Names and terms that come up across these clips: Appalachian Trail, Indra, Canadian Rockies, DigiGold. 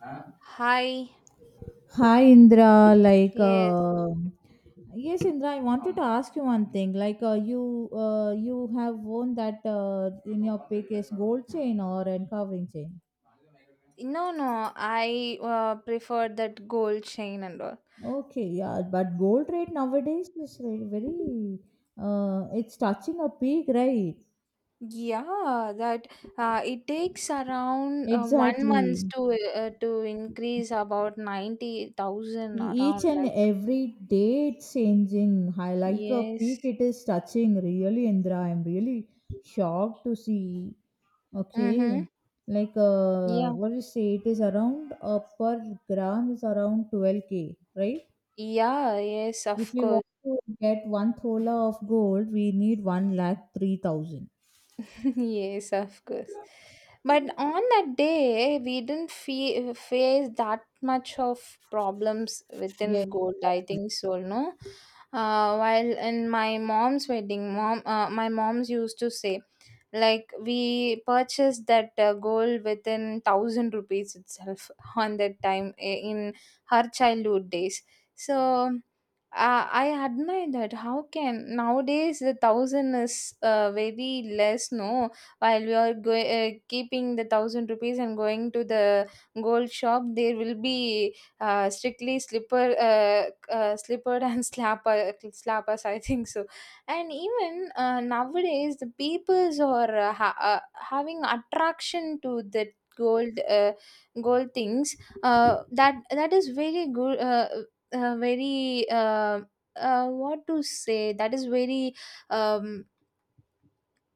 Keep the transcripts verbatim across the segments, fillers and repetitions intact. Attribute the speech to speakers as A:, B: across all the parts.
A: Huh?
B: Hi.
A: Hi Indra, like
B: Yes.
A: uh, yes Indra, I wanted to ask you one thing. Like, uh, you uh, you have worn that, uh, in your pictures, gold chain or carving chain.
B: No, no. I uh, prefer that gold chain and all.
A: Okay, yeah, but gold rate nowadays is very, very, uh, it's touching a peak, right?
B: Yeah, that uh, it takes around uh, one month
A: Exactly.
B: to uh, to increase about ninety
A: E-
B: thousand around.
A: each and
B: Like
A: every day it's changing high, like a
B: yes.
A: peak it is touching. Really, Indra, I'm really shocked to see. Okay,
B: Mm-hmm.
A: like uh
B: Yeah.
A: what do you say, it is around, uh, per gram is around twelve k, right?
B: Yeah. Yes.
A: If
B: Of
A: we
B: course.
A: want to get one thola of gold, we need one lakh three thousand.
B: Yes, of course. But on that day, we didn't fe- face that much of problems
A: Yes.
B: within gold. I think so, no. Uh, while in my mom's wedding, mom, uh, my mom's used to say like we purchased that uh, gold within thousand rupees itself on that time i- in her childhood days. So uh, I admire that. How can nowadays the thousand is uh, very less? No, while we are go- uh, keeping the thousand rupees and going to the gold shop, there will be uh, strictly slipper, uh, uh, slipper and slapper, slappers. I think so. And even uh, nowadays the peoples are uh, ha- uh, having attraction to the gold uh, gold things, uh, that that is very good, uh, uh, very, uh, uh, what to say, that is very um,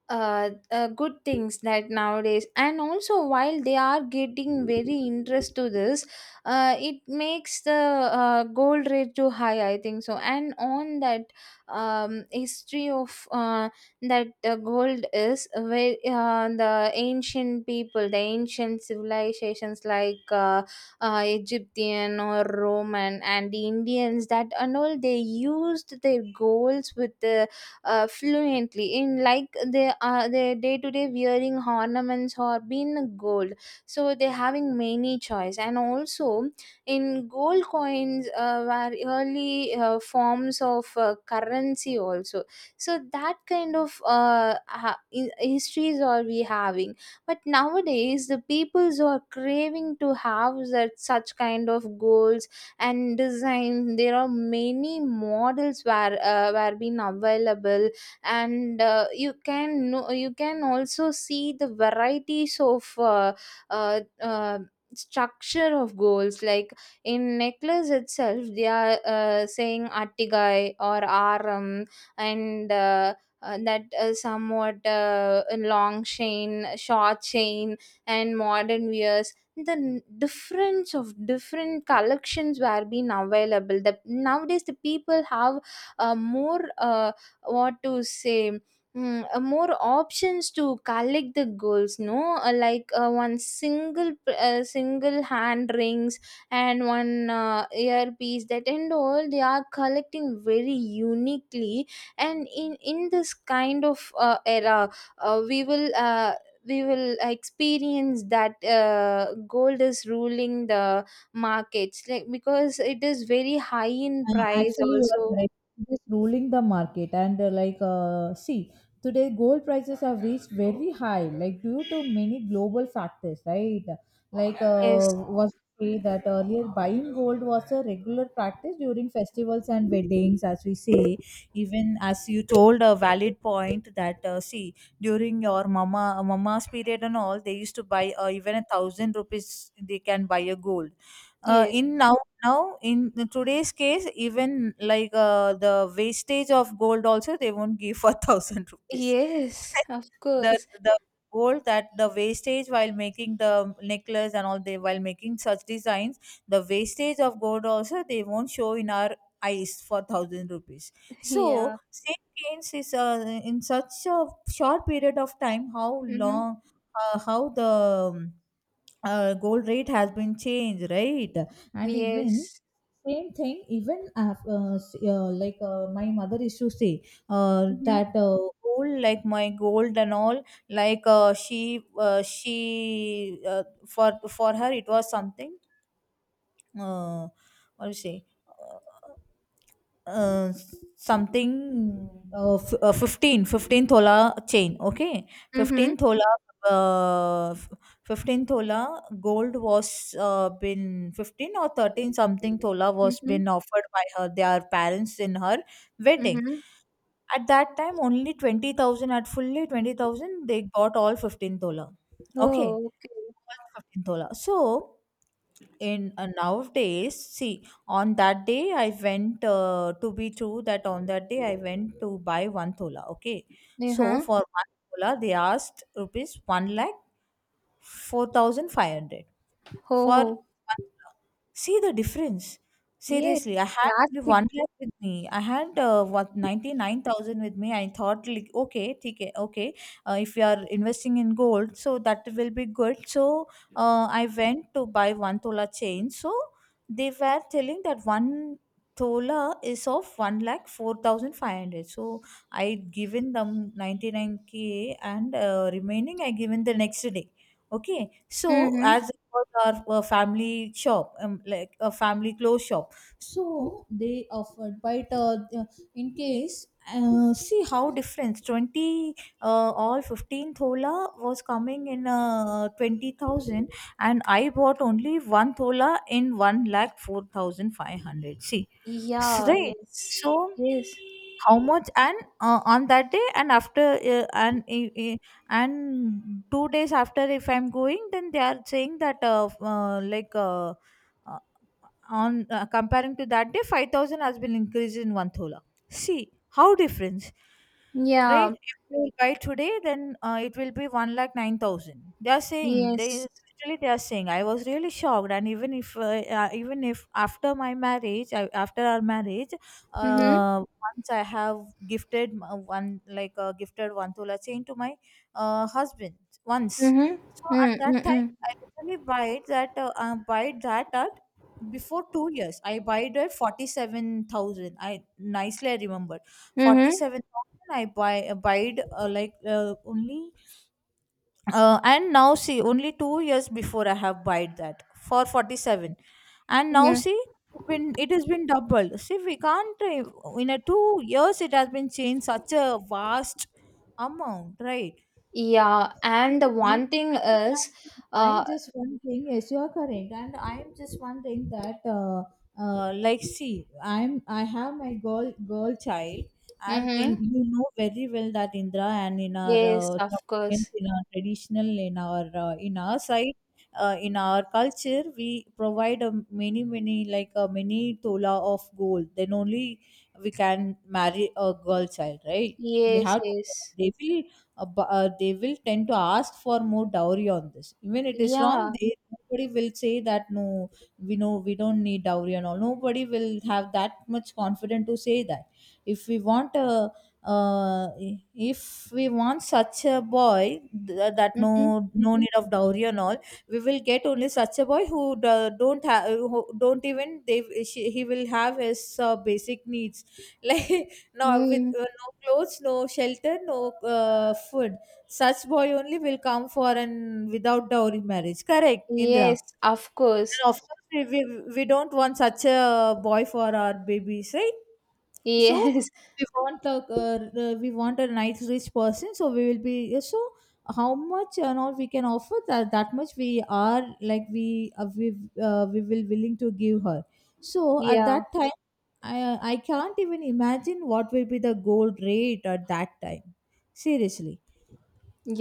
B: uh, uh, good things that nowadays, and also while they are getting very interest to this, uh, it makes the uh, gold rate too high, I think so. And on that um, history of uh, that uh, gold is where uh, the ancient people the ancient civilizations like uh, uh, Egyptian or Roman and the Indians, that and all, they used their golds with the uh, fluently, in like they are their day to day wearing ornaments or being gold. So they having many choice, and also in gold coins uh, were early uh, forms of uh, currency also. So that kind of uh, ha- in- histories are we having. But nowadays the peoples are craving to have that such kind of gold, and design. There are many models were uh, were been available. And uh, you can know, you can also see the varieties of uh, uh, uh, structure of goals, like in necklace itself they are uh, saying artigai or aram. And uh, uh, that uh, somewhat uh, long chain, short chain, and modern wears, the n- difference of different collections were being available. The nowadays the people have uh, more uh, what to say Mm, uh, more options to collect the goals, no. Uh, like uh, one single p- uh, single hand rings, and one uh, earpiece, that and all, they are collecting very uniquely. And in in this kind of uh, era, uh, we will uh, we will experience that uh, gold is ruling the markets, like because it is very high in
A: Uh,
B: price
A: actually, you are
B: also.
A: correct. It is ruling the market, and, uh, like, uh, see, today gold prices have reached very high, like due to many global factors, right? Like, uh,
B: Yes,
A: was say that earlier buying gold was a regular practice during festivals and weddings, as we say. Even as you told, a valid point that, uh, see, during your mama mama's period and all, they used to buy, uh, even a thousand rupees they can buy a gold. Uh,
B: yes,
A: in now Now, in the today's case, even like uh, the wastage of gold also, they won't give for thousand rupees.
B: yes, of
A: the
B: course.
A: the gold, that the wastage while making the necklace and all, they, while making such designs, the wastage of gold also they won't show in our eyes for thousand rupees.
B: Yeah.
A: So St. Kane's is, uh, in such a short period of time, how
B: Mm-hmm.
A: long uh, how the um, uh, gold rate has been changed, right? And even
B: Yes.
A: same thing, even af- uh, s- uh, like uh, my mother used to say, uh,
B: Mm-hmm.
A: that, uh, gold, like my gold and all, like uh, she uh, she uh, for for her it was something, uh, what do you say, uh, uh, something, uh, f- uh, 15 fifteen thola chain. Okay,
B: Mm-hmm.
A: fifteen thola, uh, f- fifteen thola gold was, uh, been fifteen or thirteen something thola was
B: Mm-hmm.
A: been offered by her their parents in her wedding.
B: Mm-hmm.
A: At that time only twenty thousand, at fully twenty thousand they got all fifteen thola. Okay,
B: Oh, okay.
A: fifteen Tola. So, in, uh, nowadays, see, on that day I went, uh, to be true, that on that day I went to buy one tola. Okay, so
B: Uh-huh.
A: for one tola they asked rupees one lakh four thousand five hundred for
B: Oh,
A: one tola. See the difference.
B: yes.
A: Seriously, I had only
B: Drastic.
A: one lakh with me. I had, uh, what, ninety nine thousand with me. I thought like okay, okay, okay, uh, if you are investing in gold so that will be good. So, uh, I went to buy one tola chain. So they were telling that one tola is of one lakh four thousand five hundred. So I given them ninety nine k, and, uh, remaining I given the next day. Okay. So
B: Mm-hmm.
A: as it was our, uh, family shop, um, like a family clothes shop, so they offered. But, uh, in case, uh, see how difference. twenty uh, All fifteen thola was coming in, uh, twenty thousand, and I bought only one thola in one lakh four thousand five hundred. See, s-
B: Yeah,
A: right.
B: yes,
A: So,
B: yes.
A: how much. And, uh, on that day, and after, uh, and i- i- and two days after, if I'm going, then they are saying that, uh, f- uh, like uh, uh, on uh, comparing to that day, five thousand has been increased in one thola. See how difference,
B: Yeah,
A: right? If you buy today, then, uh, it will be one lakh nine thousand, they are saying. They
B: yes.
A: literally, they are saying. I was really shocked. And even if, uh, uh, even if after my marriage, I, after our marriage,
B: Mm-hmm.
A: uh, once I have gifted, m- uh, one, like uh, gifted one tola chain to my, uh, husband, once. So
B: Mm-hmm.
A: at that time,
B: Mm-hmm.
A: I literally buy that, uh, uh, buy that at before two years. I buy it at forty seven thousand. I nicely I remembered. forty
B: Mm-hmm.
A: seven And I buy abide, uh, like uh, only, uh, and now see, only two years before I have buyed that for forty seven. And now
B: Mhm.
A: see, when it has been doubled. See, we can't, uh, in a two years it has been changed such a vast amount, right?
B: Yeah, and the
A: When
B: one thing
A: I'm
B: is,
A: imagining, I'm
B: uh,
A: just wondering, yes, you are correct, and I'm just wondering that, uh, uh, like, see, I'm I have my girl girl child, and, in,
B: Mhm.
A: you know very well that, Indra, and in our,
B: Yes,
A: uh,
B: of
A: Tamilians,
B: course.
A: in our traditional, in our, uh, in our side. Uh, in our culture, we provide a many, many, like a mini tola of gold. Then only we can marry a girl child, right? We
B: Yes,
A: have to.
B: yes.
A: They will, uh, bu- uh, they will tend to ask for more dowry on this. Even it is wrong,
B: Yeah.
A: they, nobody will say that, no, we know we don't need dowry and all. Nobody will have that much confidence to say that. If we want a, uh, if we want such a boy, th- that no,
B: Mm-hmm.
A: no need of dowry and all, we will get only such a boy who do- don't have, don't even, they, she, he will have his, uh, basic needs like, no, with,
B: Mm.
A: uh, no clothes, no shelter, no, uh, food. Such boy only will come for an without dowry marriage, correct, Indra?
B: Yes, of course.
A: And of course we, we, we don't want such a boy for our babies, right? So
B: Yes.
A: we want a, uh, uh, we want a nice rich person. So we will be, uh, so, how much and all we can offer, that that much we are, like, we uh, we uh, we will willing to give her. So at
B: Yeah.
A: that time, i i can't even imagine what will be the gold rate at that time, seriously,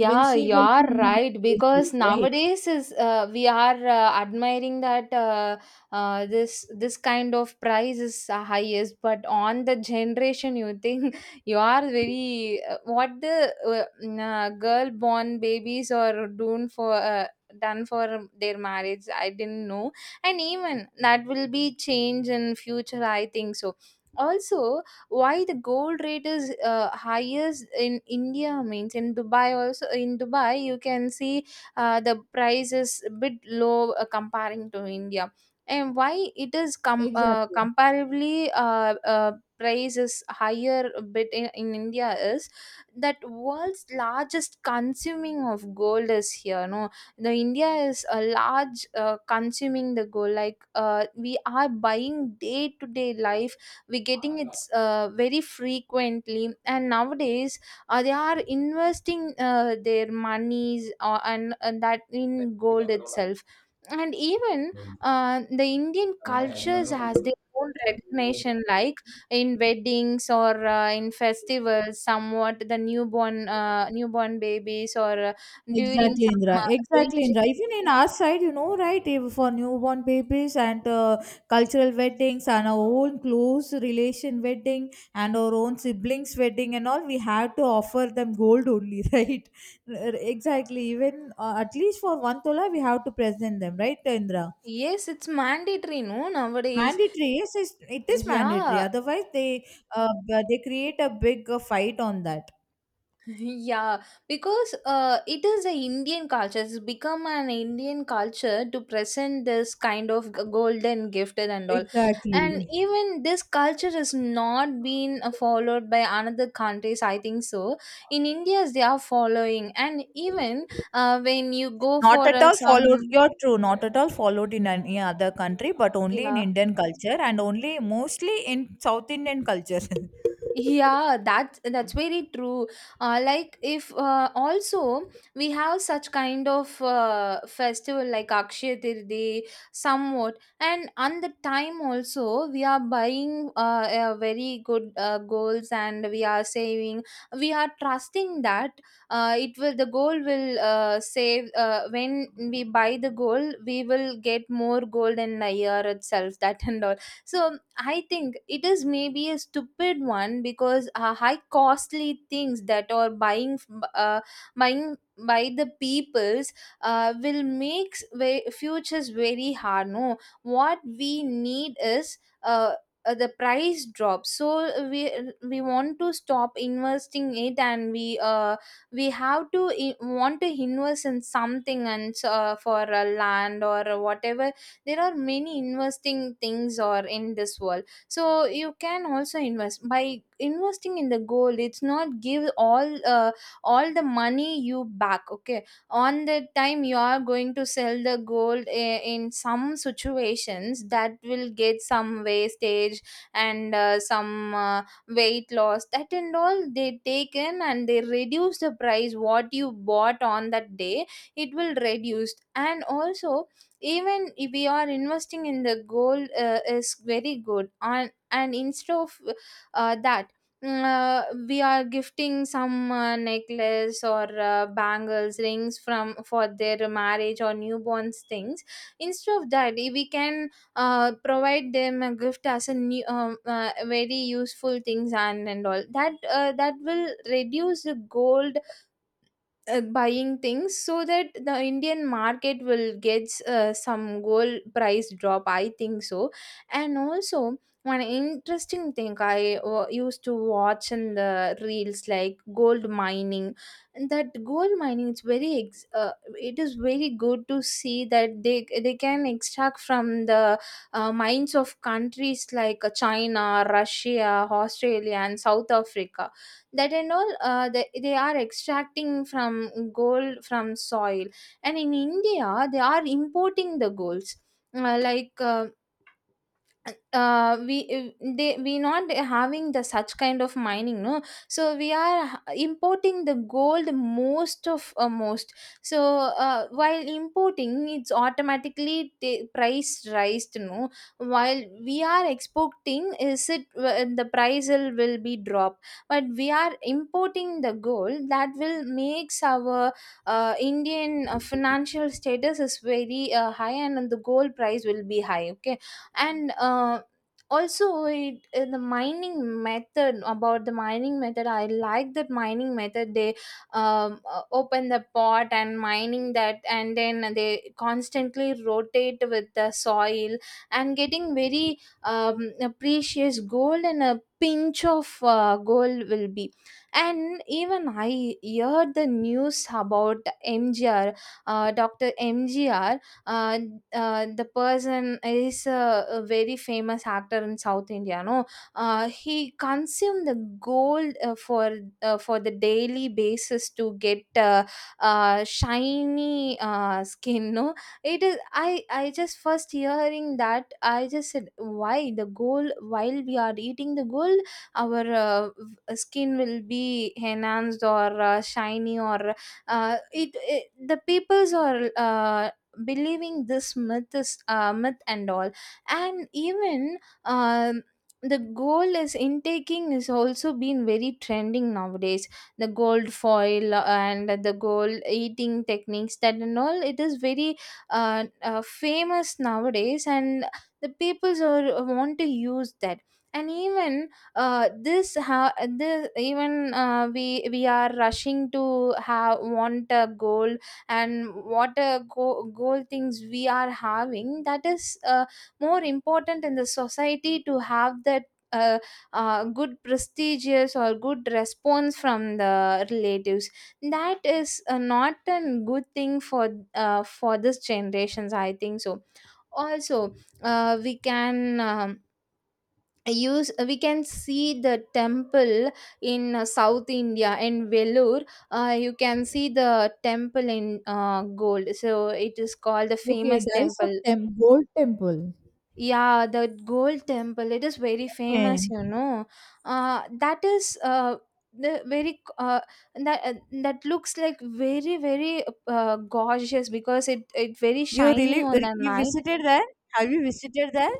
A: when she will
B: you're
A: be in her
B: right.
A: marriage
B: Because
A: age, right?
B: nowadays is, uh, we are uh, admiring that, uh, uh, this this kind of price is uh, highest, but on the generation, you think you are very uh, what the uh, mm, uh, girl born babies are doing for. Uh, done for their marriage, I didn't know. And even that will be change in future, I think so. Also, why the gold rate is uh, highest in India means in Dubai, also in Dubai you can see uh, the price is a bit low, uh, comparing to India. And why it is com- uh,
A: Exactly.
B: comparably uh, uh, price is higher a bit in, in India is that world's largest consuming of gold is here, no. The India is a large uh, consuming the gold, like uh, we are buying day to day life, we're getting it's uh, very frequently. And nowadays uh, they are investing uh, their monies, uh, and, and that in gold itself. And even uh, the Indian cultures has their own recognition, like in weddings or uh, in festivals somewhat, the newborn uh, newborn babies, or uh, during
A: Exactly,
B: some
A: Indra.
B: uh,
A: Exactly,
B: religion.
A: Indra. Even in our side, you know, right, if for newborn babies, and, uh, cultural weddings, and our own close relation wedding, and our own siblings' wedding and all, we have to offer them gold only, right? R- Exactly. Even, uh, at least for one tola, we have to present them, right, Indra?
B: Yes, it's mandatory, no, nowadays.
A: Mandatory, yes, it's- it is mandatory.
B: Yeah.
A: Otherwise, they, uh, they create a big, uh, fight on that.
B: Yeah, because uh, it is the Indian culture. It's become an Indian culture to present this kind of g- golden gifted and all. And
A: Exactly.
B: even this culture has not been uh, followed by another countries, I think so. In India, they are following, and even uh, when you go
A: Not
B: for
A: at
B: uh,
A: all followed,
B: some.
A: you're true, not at all followed in any other country, but only in
B: Yeah.
A: Indian culture, and only mostly in South Indian culture.
B: Yeah, that that's very true. Uh, like if uh, also, we have such kind of uh, festival like Akshaya Tirthi somewhat, and on the time also we are buying, uh, uh, very good uh, goals, and we are saving. We are trusting that uh, it will the goal will uh, save, uh, when we buy the gold we will get more gold in a year itself, that and all. So I think it is maybe a stupid one, because uh, high costly things that are buying, f- b- uh, buying by the peoples, uh, will make futures very hard, no. What we need is, uh, uh, the price drop. So we we want to stop investing it, and we uh, we have to, I- want to invest in something, and uh, for a land or whatever. There are many investing things or in this world, so you can also invest. By investing in the gold, it's not give all uh, all the money you back, okay. On the time you are going to sell the gold i- in some situations, that will get some wastage. And uh, some uh, weight loss, that and all they take in, and they reduce the price what you bought on that day, it will reduce. And also, even if we are investing in the gold uh, is very good on, and instead of uh, that, mm, uh, we are gifting some uh, necklace or uh, bangles, rings, from for their marriage or newborns things. Instead of that, if we can uh, provide them a gift as a new, um, uh, very useful things, and and all that uh, that will reduce the gold uh, buying things, so that the Indian market will get uh, some gold price drop, I think so. And also, one interesting thing I uh, used to watch in the reels, like gold mining. And that gold mining is very ex- uh, it is very good to see that they they can extract from the uh, mines of countries like uh, China, Russia, Australia, and South Africa, that and all, uh, they, they are extracting from gold from soil. And in India, they are importing the golds, uh, like uh, uh, we if they we not having the such kind of mining, no. So we are importing the gold most of uh, most. So uh, while importing, it's automatically the price raised, no. While we are exporting, is it uh, the price will, will be drop. But we are importing the gold, that will makes our uh, Indian uh, financial status is very uh, high, and the gold price will be high, okay. And uh, also, it, uh, the mining method about the mining method I like, that mining method. They um, uh, open the pot and mining that, and then they constantly rotate with the soil, and getting very um, precious gold, and a pinch of uh, gold will be. And even I heard the news about M G R, uh, doctor M G R, uh, uh, the person is a, a very famous actor in South India, no. Uh, he consumed the gold uh, for uh, for the daily basis to get uh, uh, shiny uh, skin, no. It is, i i just first hearing that, I just said why the gold, while we are eating the gold, our uh, v- skin will be enhanced or uh, shiny, or uh, it, it the peoples are uh, believing this myth is uh, myth and all. And even um, the gold is intaking is also been very trending nowadays. The gold foil uh, and the gold eating techniques, that and all, it is very uh, uh, famous nowadays, and the peoples are uh, want to use that. And even uh, this ha- this even uh, we we are rushing to have, want a gold. And what a go- goal things we are having, that is uh, more important in the society to have that uh, uh, good prestigious or good response from the relatives, that is uh, not a good thing for uh, for this generations, I think so. Also, uh, we can um, use we can see the temple in uh, South India, in Vellore. Uh, you can see the temple in uh, gold, so it is called the
A: Okay,
B: famous
A: there is a
B: temple.
A: tem- gold temple.
B: Yeah, the gold temple, it is very
A: Okay.
B: famous you know uh, That is uh, the very, uh, that uh, that looks like very, very uh, gorgeous, because it it very
A: You
B: shiny
A: really
B: on the
A: you
B: night.
A: visited there? Have you visited there?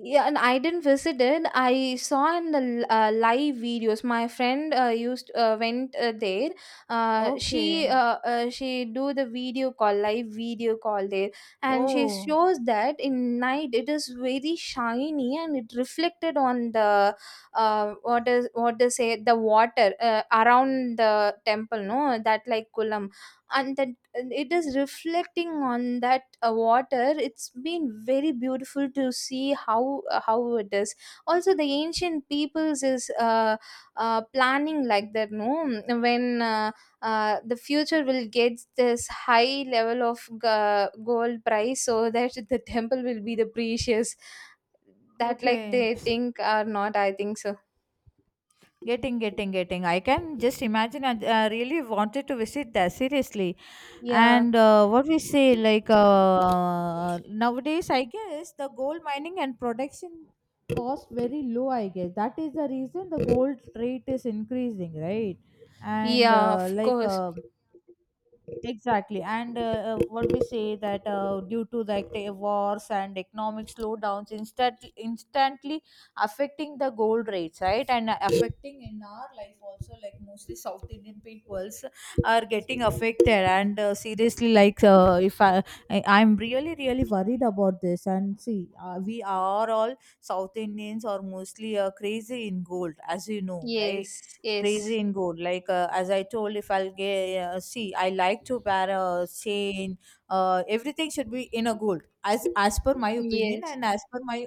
B: Yeah, and I didn't visit it. I saw in the uh, live videos. My friend uh, used uh, went uh, there. Uh, she
A: Okay.
B: uh, uh, she do the video call, live video call there, and she
A: Oh,
B: shows that in night it is very shiny and it reflected on the uh, what is what to say the water uh, around the temple. No, that like kulam, and that it is reflecting on that uh, water. It's been very beautiful to see how how it is. Also the ancient peoples is uh, uh, planning like that, no, when uh, uh, the future will get this high level of g- gold price, so that the temple will be the precious. That like
A: okay.
B: they think or not, I think so.
A: Getting, getting, getting. I can just imagine. I, uh, really wanted to visit there, seriously.
B: Yeah,
A: And, uh, what we say, like uh, nowadays, I guess the gold mining and production cost very low. I guess that is the reason the gold rate is increasing, right? And
B: yeah,
A: uh,
B: of
A: like.
B: course.
A: Uh, exactly. And, uh, uh, what we say, that, uh, due to, like, the wars and economic slowdowns, instant instantly affecting the gold rates, right? And affecting in our life also, like mostly South Indian peoples are getting affected. And, uh, seriously, like uh, if I I- I'm really, really worried about this. And see, uh, we are all South Indians are mostly, uh, crazy in gold, as you know, right?
B: Yes, yes,
A: Crazy in gold, like uh, as I told, if I'll get, uh, see, I like to wear a chain, uh, everything should be in a gold, as, as per my opinion,
B: yes.
A: and as per my,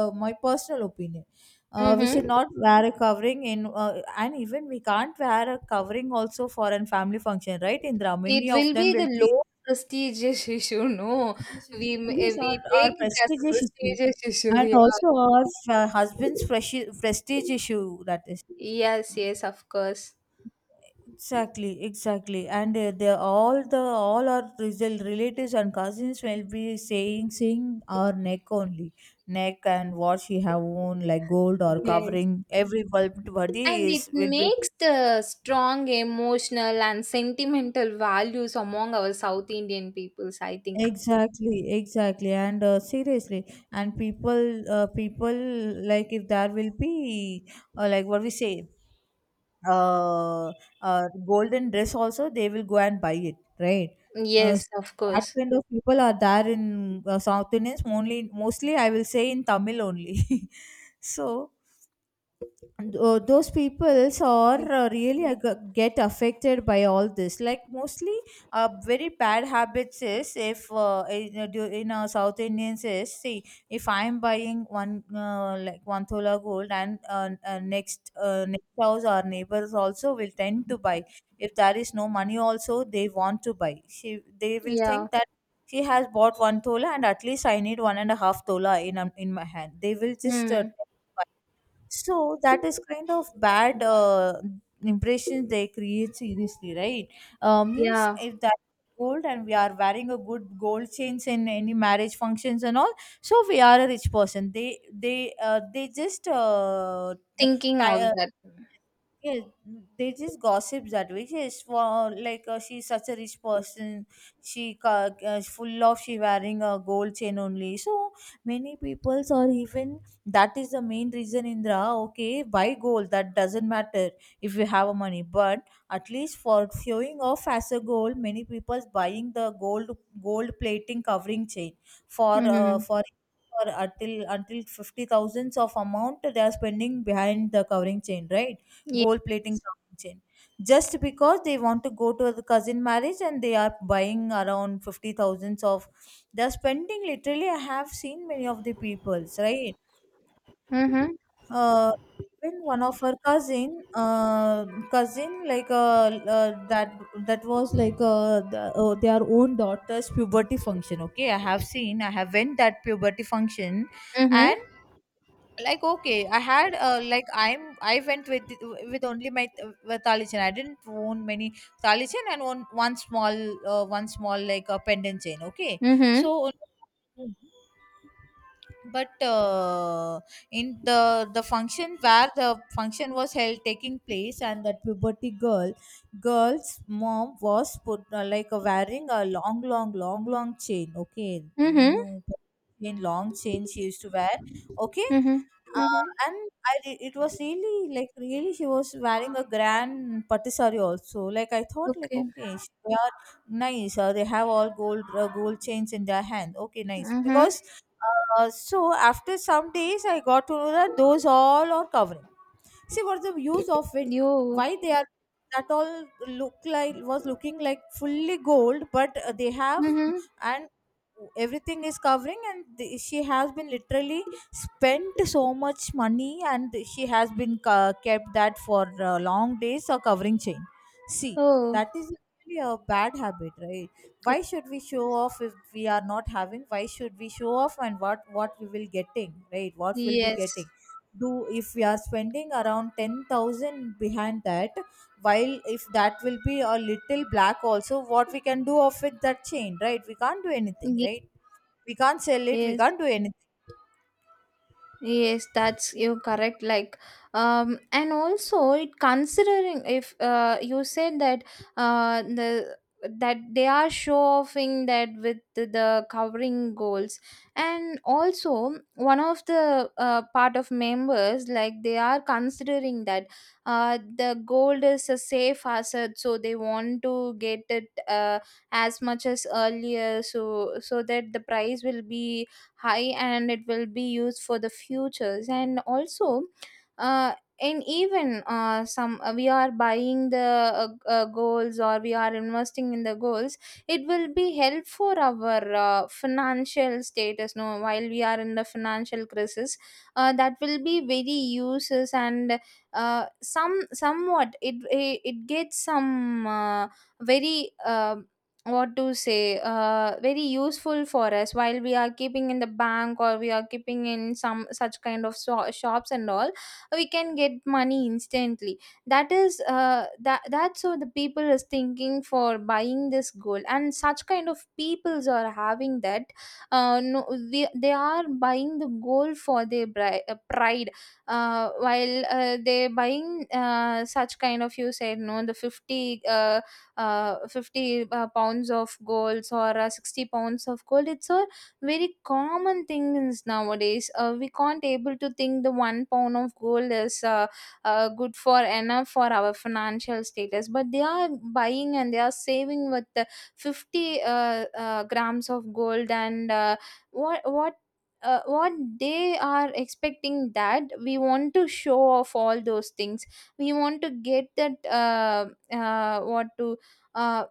A: uh, my personal opinion, uh, we should
B: Mm-hmm.
A: not wear a covering in, uh, and even we can't wear a covering also for an family function, right, Indra?
B: It
A: Many of
B: will
A: them
B: be the
A: will be
B: low prestigious issue. No,
A: prestigious
B: we
A: issue.
B: m- eh,
A: These
B: we
A: are our
B: take it as
A: prestigious
B: a
A: issue,
B: prestigious issue.
A: and
B: Yeah,
A: also our, uh, husband's presi- prestige issue. That is,
B: yes, yes, of course.
A: exactly, exactly, and, uh, they, all the, all our result relatives and cousins will be saying, seeing our neck only, neck and what she have worn, like gold or
B: Yes,
A: covering, every bulb body
B: and it
A: is will be.
B: makes the strong emotional and sentimental values among our South Indian peoples, I think.
A: Exactly, exactly, and, uh, seriously, and people uh, people like, if there will be, uh, like what we say, uh, uh, golden dress also they will go and buy it, right? Uh, so
B: Yes, of
A: that
B: course.
A: kind of people are there in, uh, South Indians only, mostly, I will say in Tamil only. So tho- those peoples are,
B: Yeah.
A: uh, really, uh, g- get affected by all this, like mostly, uh, very bad habits is, if uh, in, uh, do- in uh, South Indians is, see, if I'm buying one uh, like one thola gold, and, uh, uh, next uh, next house our neighbors also will tend to buy. If there is no money also they want to buy, she, they will
B: Yeah.
A: think that she has bought one thola, and at least I need one and a half thola in, um, in my hand, they will just, uh,
B: Hmm.
A: so that is kind of bad, uh, impression they create, seriously, right? Uh, means
B: Yeah.
A: if that gold and we are wearing a good gold chains in any marriage functions and all, so we are a rich person. They they uh, they just uh, ti-
B: Thinking of
A: uh,
B: that.
A: yeah, they just gossip that way. Yes, for like uh, she's such a rich person. She ca- uh, full of she wearing a gold chain only. So many people, or even that is the main reason. Indra, okay, buy gold. That doesn't matter if you have a money, but at least for showing off as a gold, many people's buying the gold gold plating covering chain for uh,
B: Hmm.
A: for. for until until fifty thousands of amount they are spending behind the covering chain, right?
B: Yeah.
A: Gold plating counting chain. Just because they want to go to the cousin marriage, and they are buying around fifty thousands of, they're spending literally. I have seen many of the peoples, right?
B: Mm-hmm.
A: Uh Even one of her cousin, uh, cousin, like uh, uh, that that was like uh, the, uh, their own daughter's puberty function. Okay, I have seen, I have went that puberty function.
B: Mm-hmm.
A: And like okay, I had uh, like I'm I went, with with only my, with talichin. I didn't own many talichin, and one one small, uh, one small, like a pendant chain, okay.
B: Mm-hmm.
A: So but uh, in the the function, where the function was held taking place, and that puberty girl girl's mom was put, uh, like uh, wearing a long long long long chain, okay,
B: Mm-hmm.
A: new chain, long chain, she used to wear, okay.
B: Mm-hmm.
A: uh,
B: Mm-hmm.
A: and I re- it was really, like really, she was wearing a grand patisserie also. Like, I thought, like,
B: Okay.
A: okay, she- they are nice. Uh, they have all gold, uh, gold chains in their hand, okay, nice,
B: Mm-hmm.
A: because uh, so after some days, I got to know that those all are covering. See, what's the use of it?
B: Yo.
A: Why they are, that all look like, was looking like fully gold, but uh, they have,
B: Mm-hmm.
A: and everything is covering, and the, she has been literally spent so much money, and she has been ca- kept that for uh, long days, a covering chain. See,
B: Oh,
A: that is really a bad habit, right? Why should we show off if we are not having? Why should we show off, and what what we will getting, right? What will be
B: yes.
A: getting? Do, if we are spending around ten thousand behind that, while if that will be a little black also, what we can do of it, that chain, right? We can't do anything, right? We can't sell it, we
B: Yes.
A: can't do anything.
B: Yes, that's you correct. Like, um, and also it considering if uh, you said that uh, the that they are show offing that with the, the covering goals, and also one of the uh, part of members, like, they are considering that uh, the gold is a safe asset, so they want to get it uh, as much as earlier, so so that the price will be high and it will be used for the futures. And also uh, and even uh, some uh, we are buying the uh, uh, goals, or we are investing in the goals. It will be help for our uh, financial status, no, while we are in the financial crisis, uh, that will be very uses. And uh, some somewhat it it, it gets some uh, very uh, what to say, uh, very useful for us while we are keeping in the bank, or we are keeping in some such kind of so- shops and all. We can get money instantly. That is uh, that that's so the people is thinking for buying this gold, and such kind of peoples are having that, uh, no, they, they are buying the gold for their bri- uh, pride. Uh, while uh, they buying uh, such kind of, you said no, the fifty uh, uh, fifty uh, pounds of gold or uh, sixty pounds of gold. It's a very common thing is nowadays. Uh, we can't able to think the one pound of gold is uh, uh, good for enough for our financial status, but they are buying and they are saving with the fifty uh, uh, grams of gold. And uh, what what uh, what they are expecting that we want to show off all those things. We want to get that uh, uh, what to uh,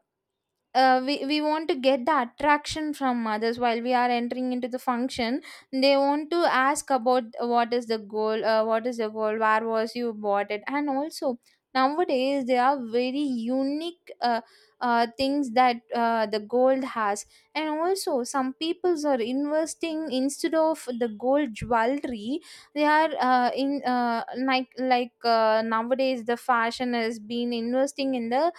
B: uh, we, we want to get the attraction from others while we are entering into the function. They want to ask about what is the goal, uh, what is the goal, where was you bought it. And also nowadays there are very unique uh, uh, things that uh, the gold has. And also some peoples are investing instead of the gold jewelry, they are uh, in uh, like like uh, nowadays the fashion has been investing in the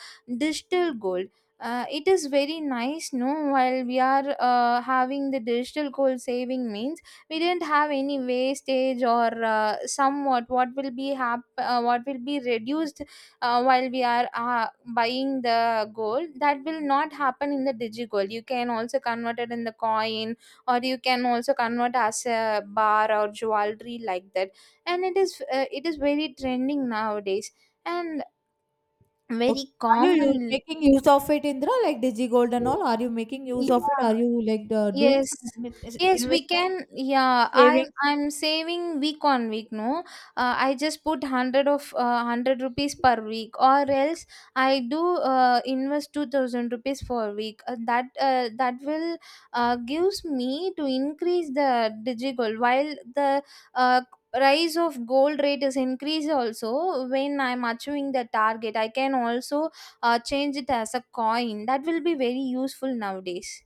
B: digital gold. Uh, it is very nice, no, while we are uh, having the digital coal saving means we didn't have any wastage, or uh, somewhat what will be hap- uh, what will be reduced uh, while we are uh, buying the gold, that will not happen in the digigold. You can also convert it in the coin, or you can also convert as a bar or jewelry like that. And it is, uh, it is very trending nowadays, and
A: Okay.
B: very
A: Are you u-
B: common.
A: making use of it, Indra, like digi gold and all? Are you making use of it?
B: Yeah,
A: Are you, like, uh, doing
B: yes.
A: some in-
B: Yes, we
A: investment,
B: can. Yeah, I'm
A: saving?
B: I'm saving week on week, no. uh, I just put hundred of uh, hundred rupees per week, or else I do uh, invest two thousand rupees for week. Uh, that uh, that will uh, gives me to increase the digital. While the uh, rise of gold rate is increased, also when I'm achieving the target, I can also uh, change it as a coin. That will be very useful nowadays.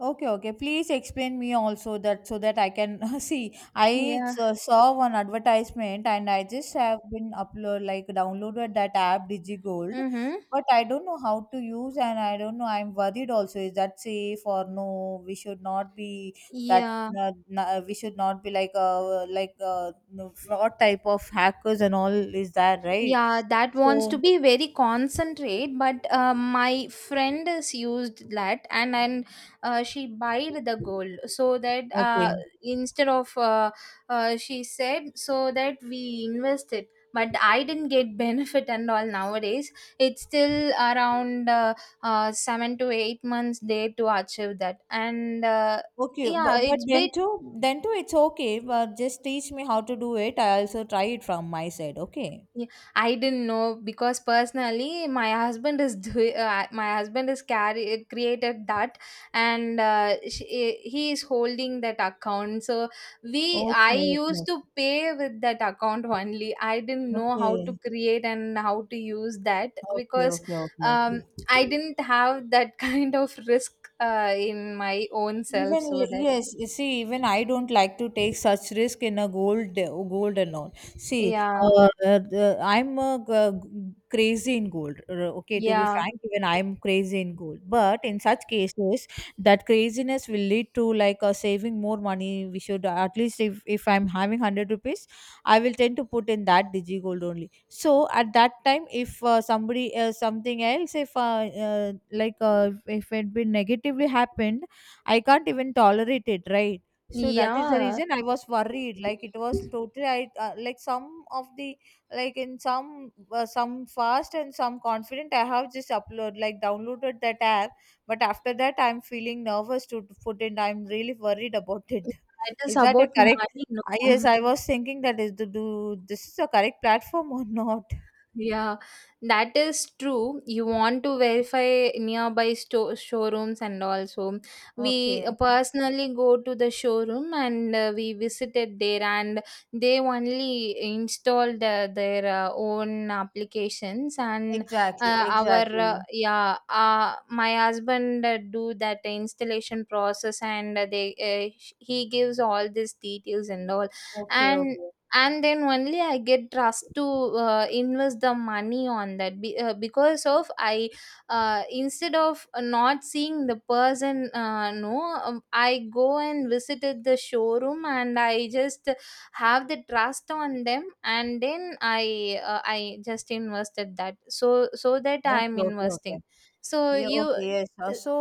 A: Okay, okay. Please explain me also that, so that I can see. I
B: Yeah.
A: s- saw one advertisement, and I just have been upload, like, downloaded that app DigiGold,
B: Mm-hmm.
A: but I don't know how to use, and I don't know. I'm worried also. Is that safe or no? We should not be that.
B: Yeah,
A: Uh, na- we should not be, like uh like uh no, fraud type of hackers and all. Is that right?
B: yeah, that wants
A: So
B: to be very concentrate, but uh, my friend is used that. And and uh, she buyed the gold, so that uh,
A: okay.
B: instead of uh, uh, she said so that we invested, but I didn't get benefit and all nowadays. It's still around uh, uh, seven to eight months there to achieve that. And uh,
A: Okay,
B: yeah,
A: but, but
B: it's bit.
A: Dento, Dento, it's okay. But just teach me how to do it. I also try it from my side. Okay.
B: Yeah, I didn't know, because personally my husband is do- uh, my husband is carry created that. And uh, she, he is holding that account, so we, I
A: Okay.
B: used
A: Okay.
B: to pay with that account only. I didn't
A: Okay.
B: know how to
A: Okay.
B: create and how to use that.
A: Okay.
B: Because
A: Okay. Okay.
B: um,
A: Okay.
B: I didn't have that kind of risk uh, in my own self,
A: Even
B: so that.
A: yes, you see, even I don't like to take such risk in a gold gold and all. See,
B: Yeah,
A: uh, uh, the- I'm uh, g- crazy in gold. uh, Okay, to be
B: yeah,
A: frank, even I'm crazy in gold. But in such cases, that craziness will lead to, like, uh, saving more money. We should, at least, if if I'm having hundred rupees, I will tend to put in that digi gold only. So at that time, if uh, somebody, uh, something else, if uh, uh, like uh, if it been negatively happened, I can't even tolerate it, right? So that is the
B: yeah.
A: reason I was worried. Like, it was totally, I uh, like some of the, like in some, uh, some fast and some confident. I have just upload, like, downloaded that app, but after that I'm feeling nervous to put it. I'm really worried about it.
B: It is
A: Is that a
B: about
A: correct?
B: money, no.
A: I Yes, I was thinking that, is to do, this is a correct platform or not?
B: Yeah, that is true. You want to verify nearby store showrooms. And also we
A: Okay,
B: uh, personally go to the showroom, and uh, we visited there, and they only installed uh, their uh, own applications. And
A: exactly,
B: uh, our uh,
A: exactly.
B: yeah uh, my husband uh, do that installation process. And uh, they uh, he gives all these details and all.
A: Okay,
B: and
A: okay,
B: and then only I get trust to uh, invest the money on that. Be- uh, because of I, uh, instead of not seeing the person, uh, no, um, I go and visited the showroom, and I just have the trust on them. And then I, uh, i just invested that, so so that I'm
A: okay, okay, okay.
B: investing. So
A: Yeah,
B: you
A: okay, yes. Uh,
B: uh,
A: So,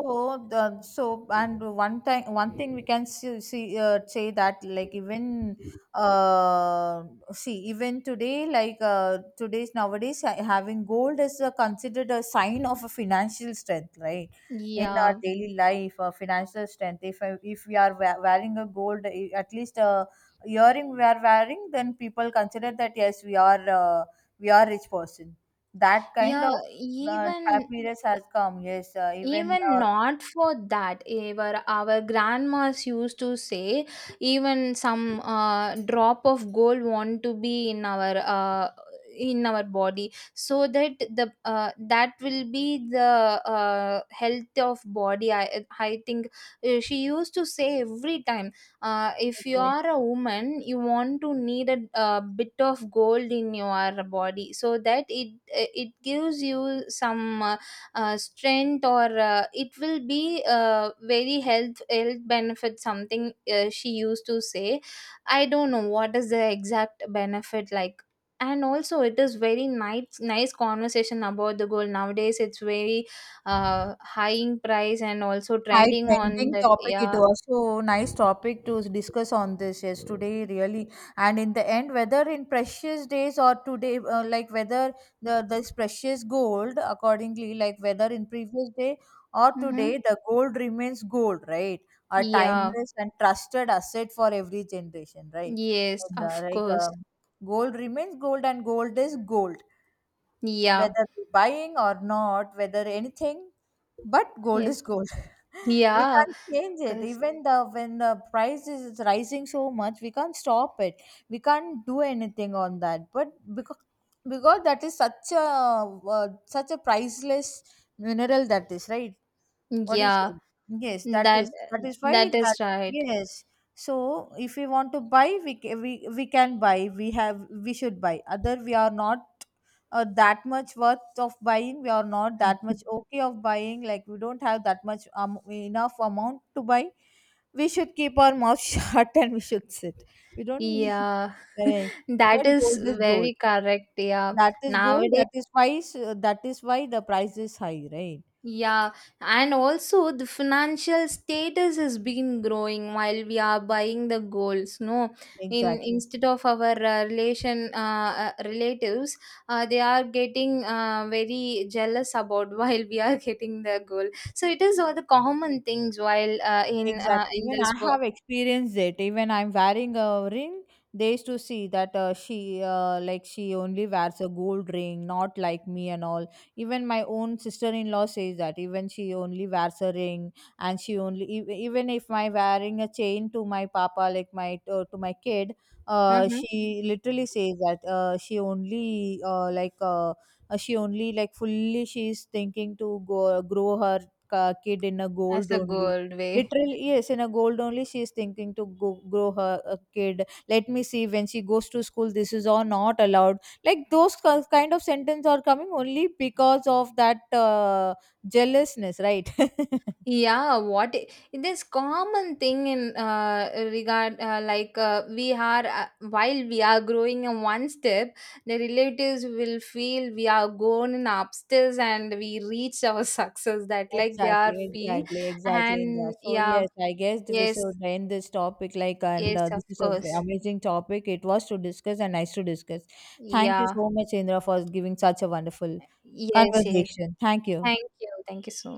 A: the, so, and one time, one thing we can see, see uh, say that, like, even uh see, even today, like uh today's nowadays, ha- having gold is, uh, considered a sign of a financial strength, right? In our
B: yeah,
A: daily life, uh, financial strength. If I- if we are wea- wearing a gold, eh, at least a earring we are wearing, then people consider that, yes, we are, uh, we are rich person, that kind
B: yeah.
A: of uh, tap
B: Even,
A: mirrors has come. Yes, uh, even
B: even
A: uh,
B: not for that, ever our grandmas used to say, even some uh, drop of gold want to be in our uh, in our body, so that the uh, that will be the uh, health of body, i i think. Uh, she used to say every time, uh, if you
A: okay.
B: are a woman, you want to need a, a bit of gold in your body, so that it it gives you some uh, uh, strength, or uh, it will be uh, very health health benefit something, uh, she used to say. I don't know what is the exact benefit, like. And also, it is very nice nice conversation about the gold. Nowadays it's very uh high in price and also
A: High
B: trending on
A: trending
B: that.
A: topic. It
B: Yeah.
A: was so nice topic to discuss on this. Yes, today really. And in the end, whether in precious days or today, uh, like whether the this precious gold, accordingly, like whether in previous day or
B: Mm-hmm.
A: today, the gold remains gold, right? A
B: Yeah,
A: timeless and trusted asset for every generation, right?
B: yes,
A: And,
B: of
A: uh, like
B: course.
A: um, gold remains gold, and gold is gold.
B: Yeah,
A: Whether we're buying or not, whether anything, but gold
B: yes.
A: is gold. We
B: Yeah,
A: can't change it.
B: because,
A: Even the, when the price is rising so much, we can't stop it. We can't do anything on that. But because because that is such a uh, such a priceless mineral, that is right, what do you
B: yeah,
A: say? Yes, that
B: that
A: is that is why
B: that is
A: that,
B: right.
A: yes. So if we want to buy, we ca- we we can buy. We have we should buy. Other we are not uh, that much worth of buying. We are not that much okay of buying. Like, we don't have that much um, enough amount to buy. We should keep our mouth shut, and we should sit. We don't need.
B: Yeah.
A: Correct.
B: That
A: But
B: is
A: gold is gold.
B: very correct. Yeah.
A: That is gold.
B: Nowadays,
A: That is why s- that is why the price is high, right?
B: yeah. And also the financial status has been growing while we are buying the goals, no. In
A: Exactly.
B: instead of our uh, relation uh, uh, relatives, uh, they are getting uh, very jealous about while we are getting the goal. So it is all the common things while uh, in uh,
A: Exactly.
B: in
A: Even
B: this
A: I
B: world.
A: have experienced it. Even I'm wearing a ring, they used to see that, uh, she, uh, like, she only wears a gold ring, not like me and all. Even my own sister-in-law says that, even she only wears a ring, and she only e- even if my wearing a chain to my papa, like my, uh, to my kid, uh,
B: Hmm,
A: she literally says that, uh, she only, uh, like uh, uh, she only, like, fully, she's thinking to go, grow her, uh, kid in a
B: as
A: gold
B: a
A: only.
B: gold way.
A: Literally, yes, in a gold only, she is thinking to go, grow her a kid. Let me see, when she goes to school, this is all not allowed. Like those ki- kind of sentences are coming, only because of that uh, jealousness, right?
B: Yeah, what i- this common thing in uh, regard uh, like uh, we are uh, while we are growing in one step, the relatives will feel we are gone in upstairs and we reach our success, that like they are
A: Exactly,
B: feel.
A: exactly, exactly, Indra.
B: And
A: So
B: yeah,
A: yes, I guess we
B: yes,
A: should end this topic. Like, and
B: yes,
A: uh,
B: of
A: this is a v-
B: course,
A: amazing topic. It was to discuss and nice to discuss. Thank you
B: yeah,
A: so much, Indra, for giving such a wonderful
B: yes, yes.
A: conversation. Thank you.
B: Thank you, thank you so